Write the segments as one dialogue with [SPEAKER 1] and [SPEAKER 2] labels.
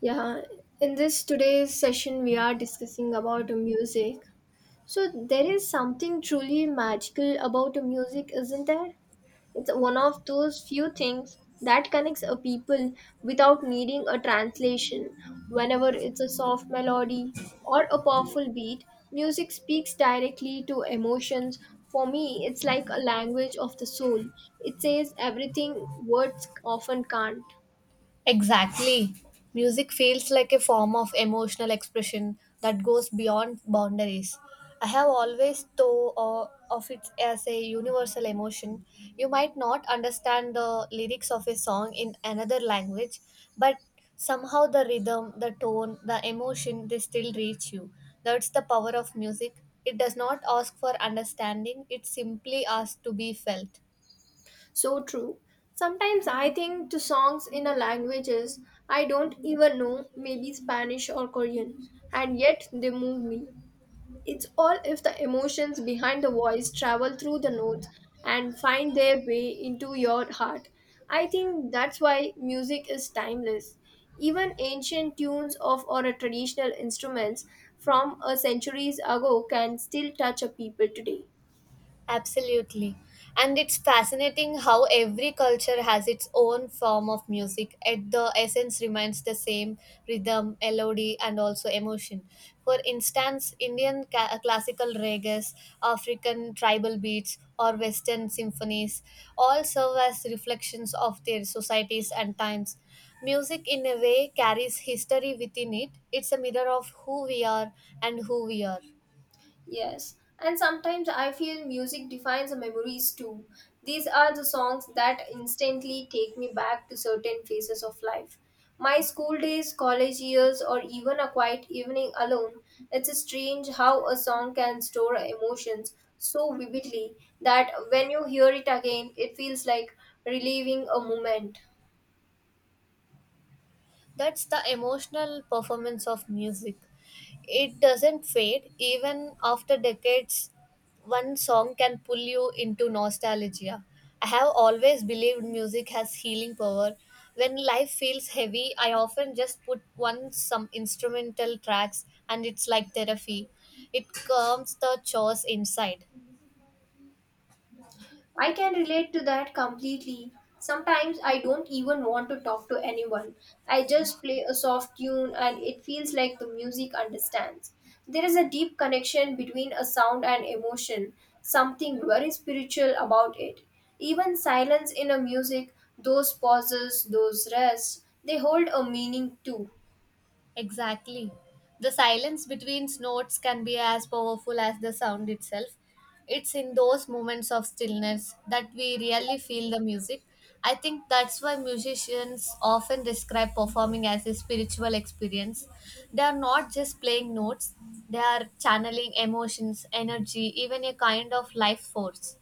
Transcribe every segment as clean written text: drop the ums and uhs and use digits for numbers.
[SPEAKER 1] Yeah, in this today's session, we are discussing about music. So there is something truly magical about music, isn't there? It's one of those few things that connects a people without needing a translation. Whenever it's a soft melody or a powerful beat, music speaks directly to emotions. For me, it's like a language of the soul. It says everything words often can't.
[SPEAKER 2] Exactly. Music feels like a form of emotional expression that goes beyond boundaries. I have always thought of it as a universal emotion. You might not understand the lyrics of a song in another language, but somehow the rhythm, the tone, the emotion, they still reach you. That's the power of music. It does not ask for understanding, it simply asks to be felt.
[SPEAKER 1] So true. Sometimes I think to songs in a languages I don't even know, maybe Spanish or Korean, and yet they move me. It's all if the emotions behind the voice travel through the notes and find their way into your heart. I think that's why music is timeless. Even ancient tunes of or a traditional instruments from a centuries ago can still touch a people today.
[SPEAKER 2] Absolutely. And it's fascinating how every culture has its own form of music, yet the essence remains the same rhythm, melody, and also emotion. For instance, Indian classical reggae, African tribal beats, or Western symphonies all serve as reflections of their societies and times. Music, in a way, carries history within it. It's a mirror of who we are and who we are.
[SPEAKER 1] Yes, and sometimes I feel music defines the memories too. These are the songs that instantly take me back to certain phases of life. My school days, college years, or even a quiet evening alone. It's strange how a song can store emotions so vividly that when you hear it again, it feels like reliving a moment.
[SPEAKER 2] That's the emotional performance of music. It doesn't fade even after decades. One song can pull you into nostalgia. I have always believed music has healing power. When life feels heavy, I often just put one some instrumental tracks and it's like therapy. It calms the chaos inside.
[SPEAKER 1] I can relate to that completely. Sometimes I don't even want to talk to anyone. I just play a soft tune and it feels like the music understands. There is a deep connection between a sound and emotion, something very spiritual about it. Even silence in a music, those pauses, those rests, they hold a meaning too.
[SPEAKER 2] Exactly. The silence between snorts can be as powerful as the sound itself. It's in those moments of stillness that we really feel the music. I think that's why musicians often describe performing as a spiritual experience. They are not just playing notes, they are channeling emotions, energy, even a kind of life force.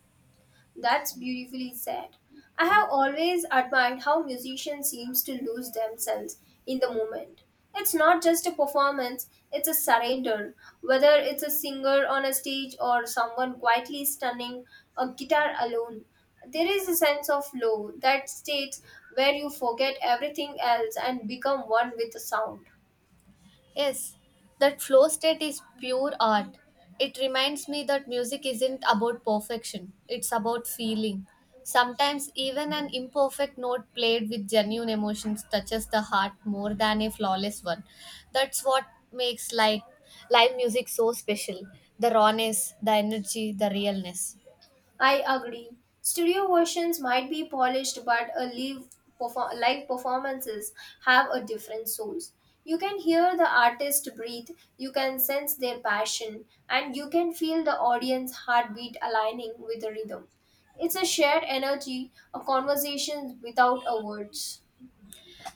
[SPEAKER 1] That's beautifully said. I have always admired how musicians seems to lose themselves in the moment. It's not just a performance, it's a surrender. Whether it's a singer on a stage or someone quietly stunning a guitar alone, there is a sense of flow that states where you forget everything else and become one with the sound.
[SPEAKER 2] Yes, that flow state is pure art. It reminds me that music isn't about perfection, it's about feeling. Sometimes, even an imperfect note played with genuine emotions touches the heart more than a flawless one. That's what makes live music so special the rawness, the energy, the realness.
[SPEAKER 1] I agree. Studio versions might be polished, but a live, live performances have a different soul. You can hear the artist breathe, you can sense their passion, and you can feel the audience heartbeat aligning with the rhythm. It's a shared energy, a conversation without a words.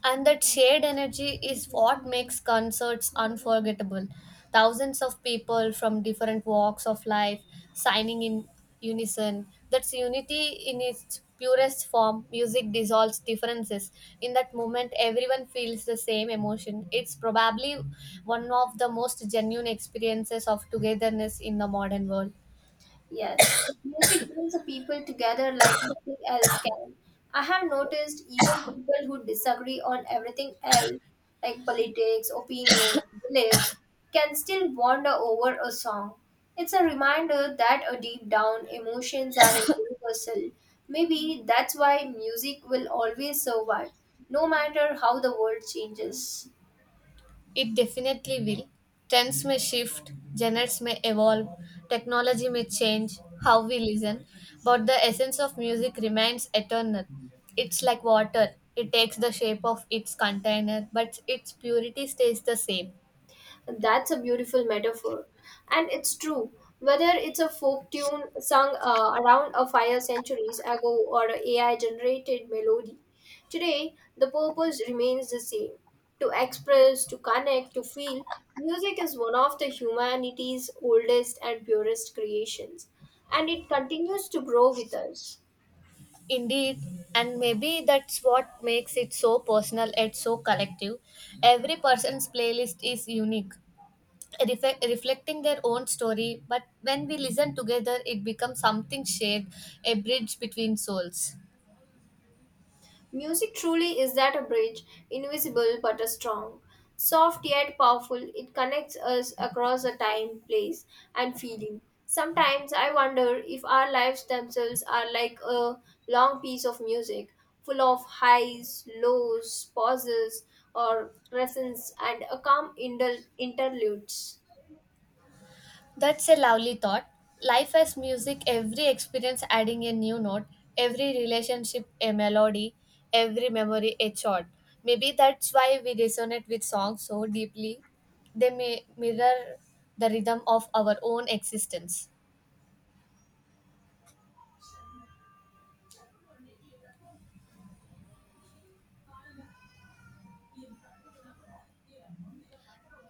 [SPEAKER 2] And that shared energy is what makes concerts unforgettable. Thousands of people from different walks of life signing in unison. That's unity in its purest form. Music dissolves differences. In that moment, everyone feels the same emotion. It's probably one of the most genuine experiences of togetherness in the modern world.
[SPEAKER 1] Yes, music brings the people together like nothing else can. I have noticed even people who disagree on everything else, like politics, opinions, beliefs, can still wander over a song. It's a reminder that a deep down emotions are universal. Maybe that's why music will always survive, no matter how the world changes.
[SPEAKER 2] It definitely will. Trends may shift, genres may evolve, technology may change how we listen, but the essence of music remains eternal. It's like water, it takes the shape of its container, but its purity stays the same.
[SPEAKER 1] That's a beautiful metaphor. And it's true. Whether it's a folk tune sung around a fire centuries ago or an a AI generated melody, today the purpose remains the same to express, to connect, to feel. Music is one of the humanity's oldest and purest creations, and it continues to grow with us.
[SPEAKER 2] Indeed, and maybe that's what makes it so personal and so collective. Every person's playlist is unique, reflecting their own story, but when we listen together, it becomes something shared, a bridge between souls.
[SPEAKER 1] Music truly is that a bridge, invisible but a strong. Soft yet powerful, it connects us across a time, place, and feeling. Sometimes I wonder if our lives themselves are like a long piece of music, full of highs, lows, pauses, or crescents, and a calm interludes.
[SPEAKER 2] That's a lovely thought. Life as music, every experience adding a new note, every relationship a melody, every memory a chord. Maybe that's why we resonate with songs so deeply. They may mirror the rhythm of our own existence.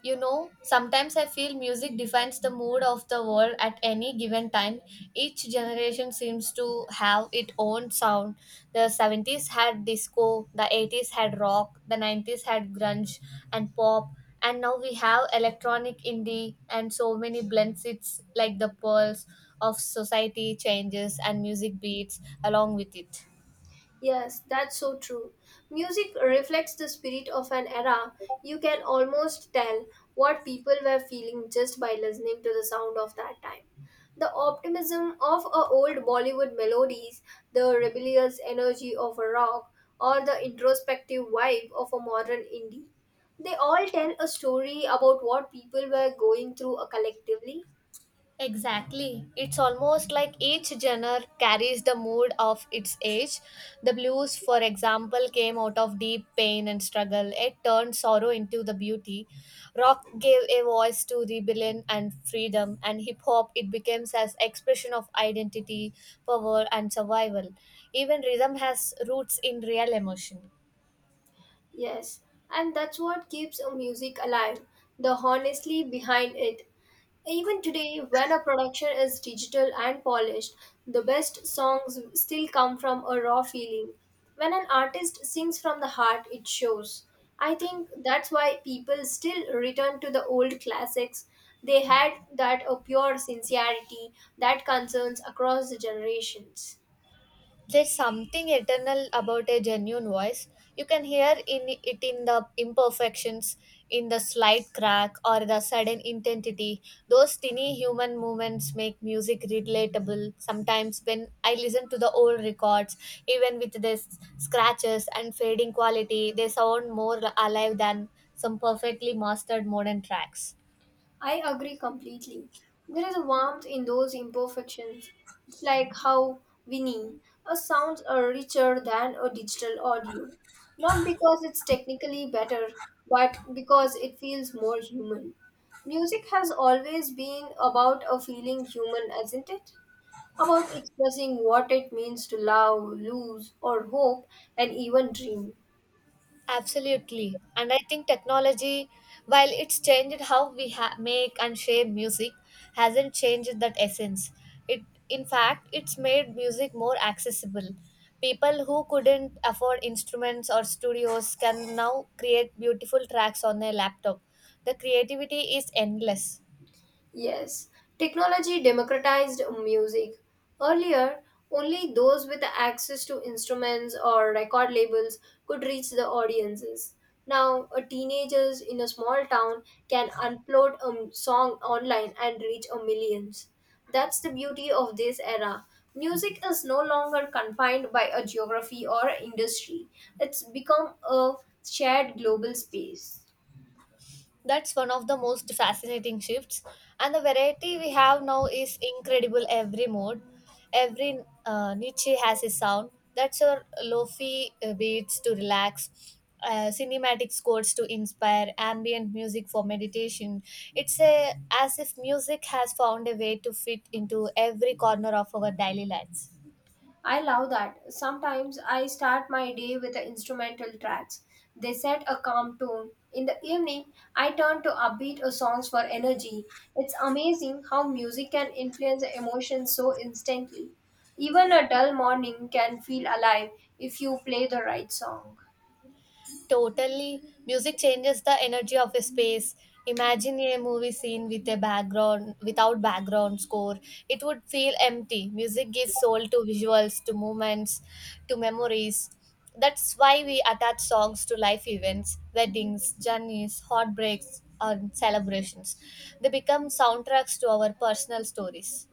[SPEAKER 2] You know, sometimes I feel music defines the mood of the world at any given time. Each generation seems to have its own sound. The 70s had disco, the 80s had rock, the 90s had grunge and pop, and now we have electronic indie and so many blends. It's like the pulse of society changes and music beats along with it.
[SPEAKER 1] Yes, that's so true. Music reflects the spirit of an era. You can almost tell what people were feeling just by listening to the sound of that time. The optimism of a old Bollywood melodies, the rebellious energy of a rock, or the introspective vibe of a modern indie. They all tell a story about what people were going through collectively.
[SPEAKER 2] Exactly. It's almost like each genre carries the mood of its age. The blues, for example, came out of deep pain and struggle. It turned sorrow into the beauty. Rock gave a voice to rebellion and freedom, and hip hop it becomes as expression of identity, power and survival. Even rhythm has roots in real emotion.
[SPEAKER 1] Yes, and that's what keeps a music alive. The honestly behind it. Even today, when a production is digital and polished, the best songs still come from a raw feeling. When an artist sings from the heart, it shows. I think that's why people still return to the old classics. They had that pure sincerity that concerns across the generations.
[SPEAKER 2] There's something eternal about a genuine voice. You can hear in it in the imperfections, in the slight crack or the sudden intensity. Those tiny human movements make music relatable. Sometimes when I listen to the old records, even with their scratches and fading quality, they sound more alive than some perfectly mastered modern tracks.
[SPEAKER 1] I agree completely. There is a warmth in those imperfections. It's like how winning a sounds are richer than a digital audio. Not because it's technically better, but because it feels more human. Music has always been about a feeling human, isn't it? About expressing what it means to love, lose, or hope, and even dream.
[SPEAKER 2] Absolutely. And I think technology, while it's changed how we make and share music, hasn't changed that essence. It, in fact, it's made music more accessible. People who couldn't afford instruments or studios can now create beautiful tracks on their laptop. The creativity is endless.
[SPEAKER 1] Yes, technology democratized music. Earlier, only those with access to instruments or record labels could reach the audiences. Now, a teenagers in a small town can upload a song online and reach a millions. That's the beauty of this era. Music is no longer confined by a geography or industry. It's become a shared global space.
[SPEAKER 2] That's one of the most fascinating shifts. And the variety we have now is incredible every mode. Every niche has a sound. That's your lofi beats to relax, cinematic scores to inspire, ambient music for meditation. It's as if music has found a way to fit into every corner of our daily lives.
[SPEAKER 1] I love that. Sometimes I start my day with the instrumental tracks. They set a calm tone. In the evening, I turn to upbeat or songs for energy. It's amazing how music can influence the emotions so instantly. Even a dull morning can feel alive if you play the right song.
[SPEAKER 2] Totally. Music changes the energy of a space. Imagine a movie scene without background score. It would feel empty. Music gives soul to visuals, to moments, to memories. That's why we attach songs to life events, weddings, journeys, heartbreaks, and celebrations. They become soundtracks to our personal stories.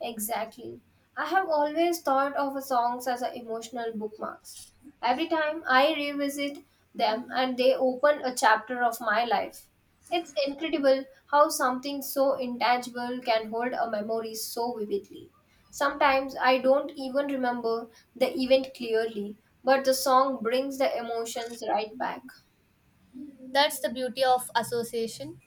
[SPEAKER 1] Exactly. I have always thought of songs as a emotional bookmarks. Every time I revisit them and they open a chapter of my life. It's incredible how something so intangible can hold a memory so vividly. Sometimes I don't even remember the event clearly, but the song brings the emotions right back.
[SPEAKER 2] That's the beauty of association.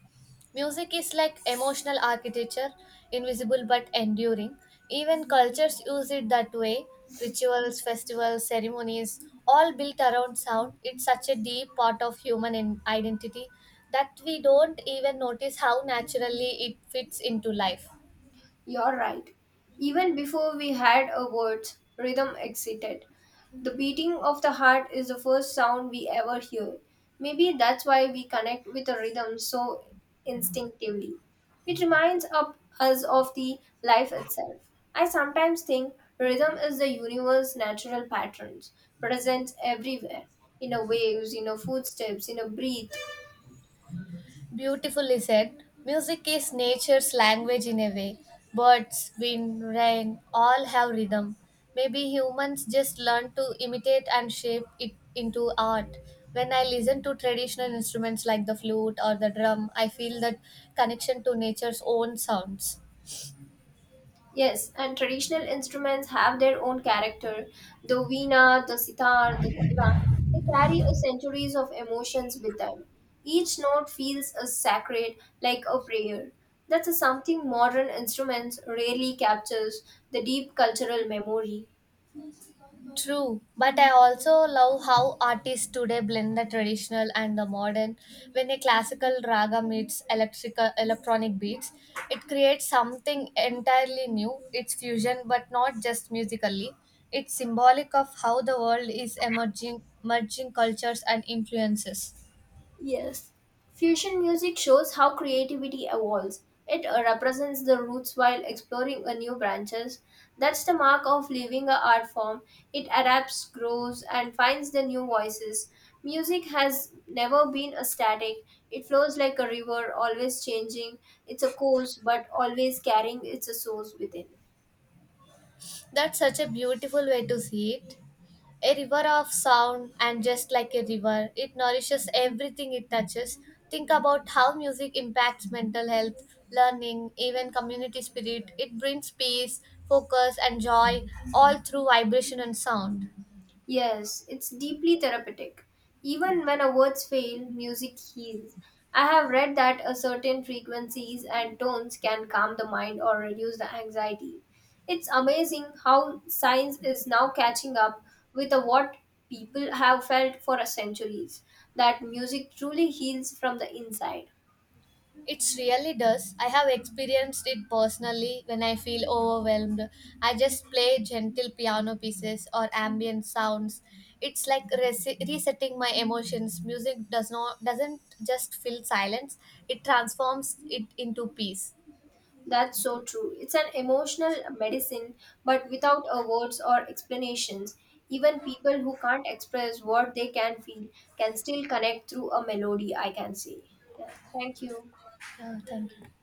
[SPEAKER 2] Music is like emotional architecture, invisible but enduring. Even cultures use it that way. Rituals, festivals, ceremonies, all built around sound. It's such a deep part of human identity that we don't even notice how naturally it fits into life.
[SPEAKER 1] You're right. Even before we had a words, rhythm existed. The beating of the heart is the first sound we ever hear. Maybe that's why we connect with a rhythm so instinctively. It reminds up us of the life itself. I sometimes think rhythm is the universe's natural patterns, present everywhere, in a waves, in a footsteps, in a breath.
[SPEAKER 2] Beautifully said. Music is nature's language in a way. Birds, wind, rain all have rhythm. Maybe humans just learn to imitate and shape it into art. When I listen to traditional instruments like the flute or the drum, I feel that connection to nature's own sounds.
[SPEAKER 1] Yes, and traditional instruments have their own character. The veena, the sitar, the tabla, they carry a centuries of emotions with them. Each note feels a sacred, like a prayer. That's a something modern instruments rarely captures the deep cultural memory.
[SPEAKER 2] True, but I also love how artists today blend the traditional and the modern. When a classical raga meets electrical electronic beats, it creates something entirely new. It's fusion, but not just musically. It's symbolic of how the world is emerging, merging cultures and influences.
[SPEAKER 1] Yes. Fusion music shows how creativity evolves. It represents the roots while exploring a new branches. That's the mark of living a art form. It adapts, grows, and finds the new voices. Music has never been a static. It flows like a river, always changing. It's a course, but always carrying its source within.
[SPEAKER 2] That's such a beautiful way to see it. A river of sound, and just like a river, it nourishes everything it touches. Think about how music impacts mental health, learning, even community spirit. It brings peace, focus, and joy, all through vibration and sound.
[SPEAKER 1] Yes, it's deeply therapeutic. Even when our words fail, music heals. I have read that a certain frequencies and tones can calm the mind or reduce the anxiety. It's amazing how science is now catching up with the what people have felt for centuries that music truly heals from the inside.
[SPEAKER 2] It really does. I have experienced it personally when I feel overwhelmed. I just play gentle piano pieces or ambient sounds. It's like resetting my emotions. Music doesn't just fill silence. It transforms it into peace.
[SPEAKER 1] That's so true. It's an emotional medicine, but without a words or explanations. Even people who can't express what they can feel can still connect through a melody, I can say. Yeah. Thank you.
[SPEAKER 2] Yeah, thank you.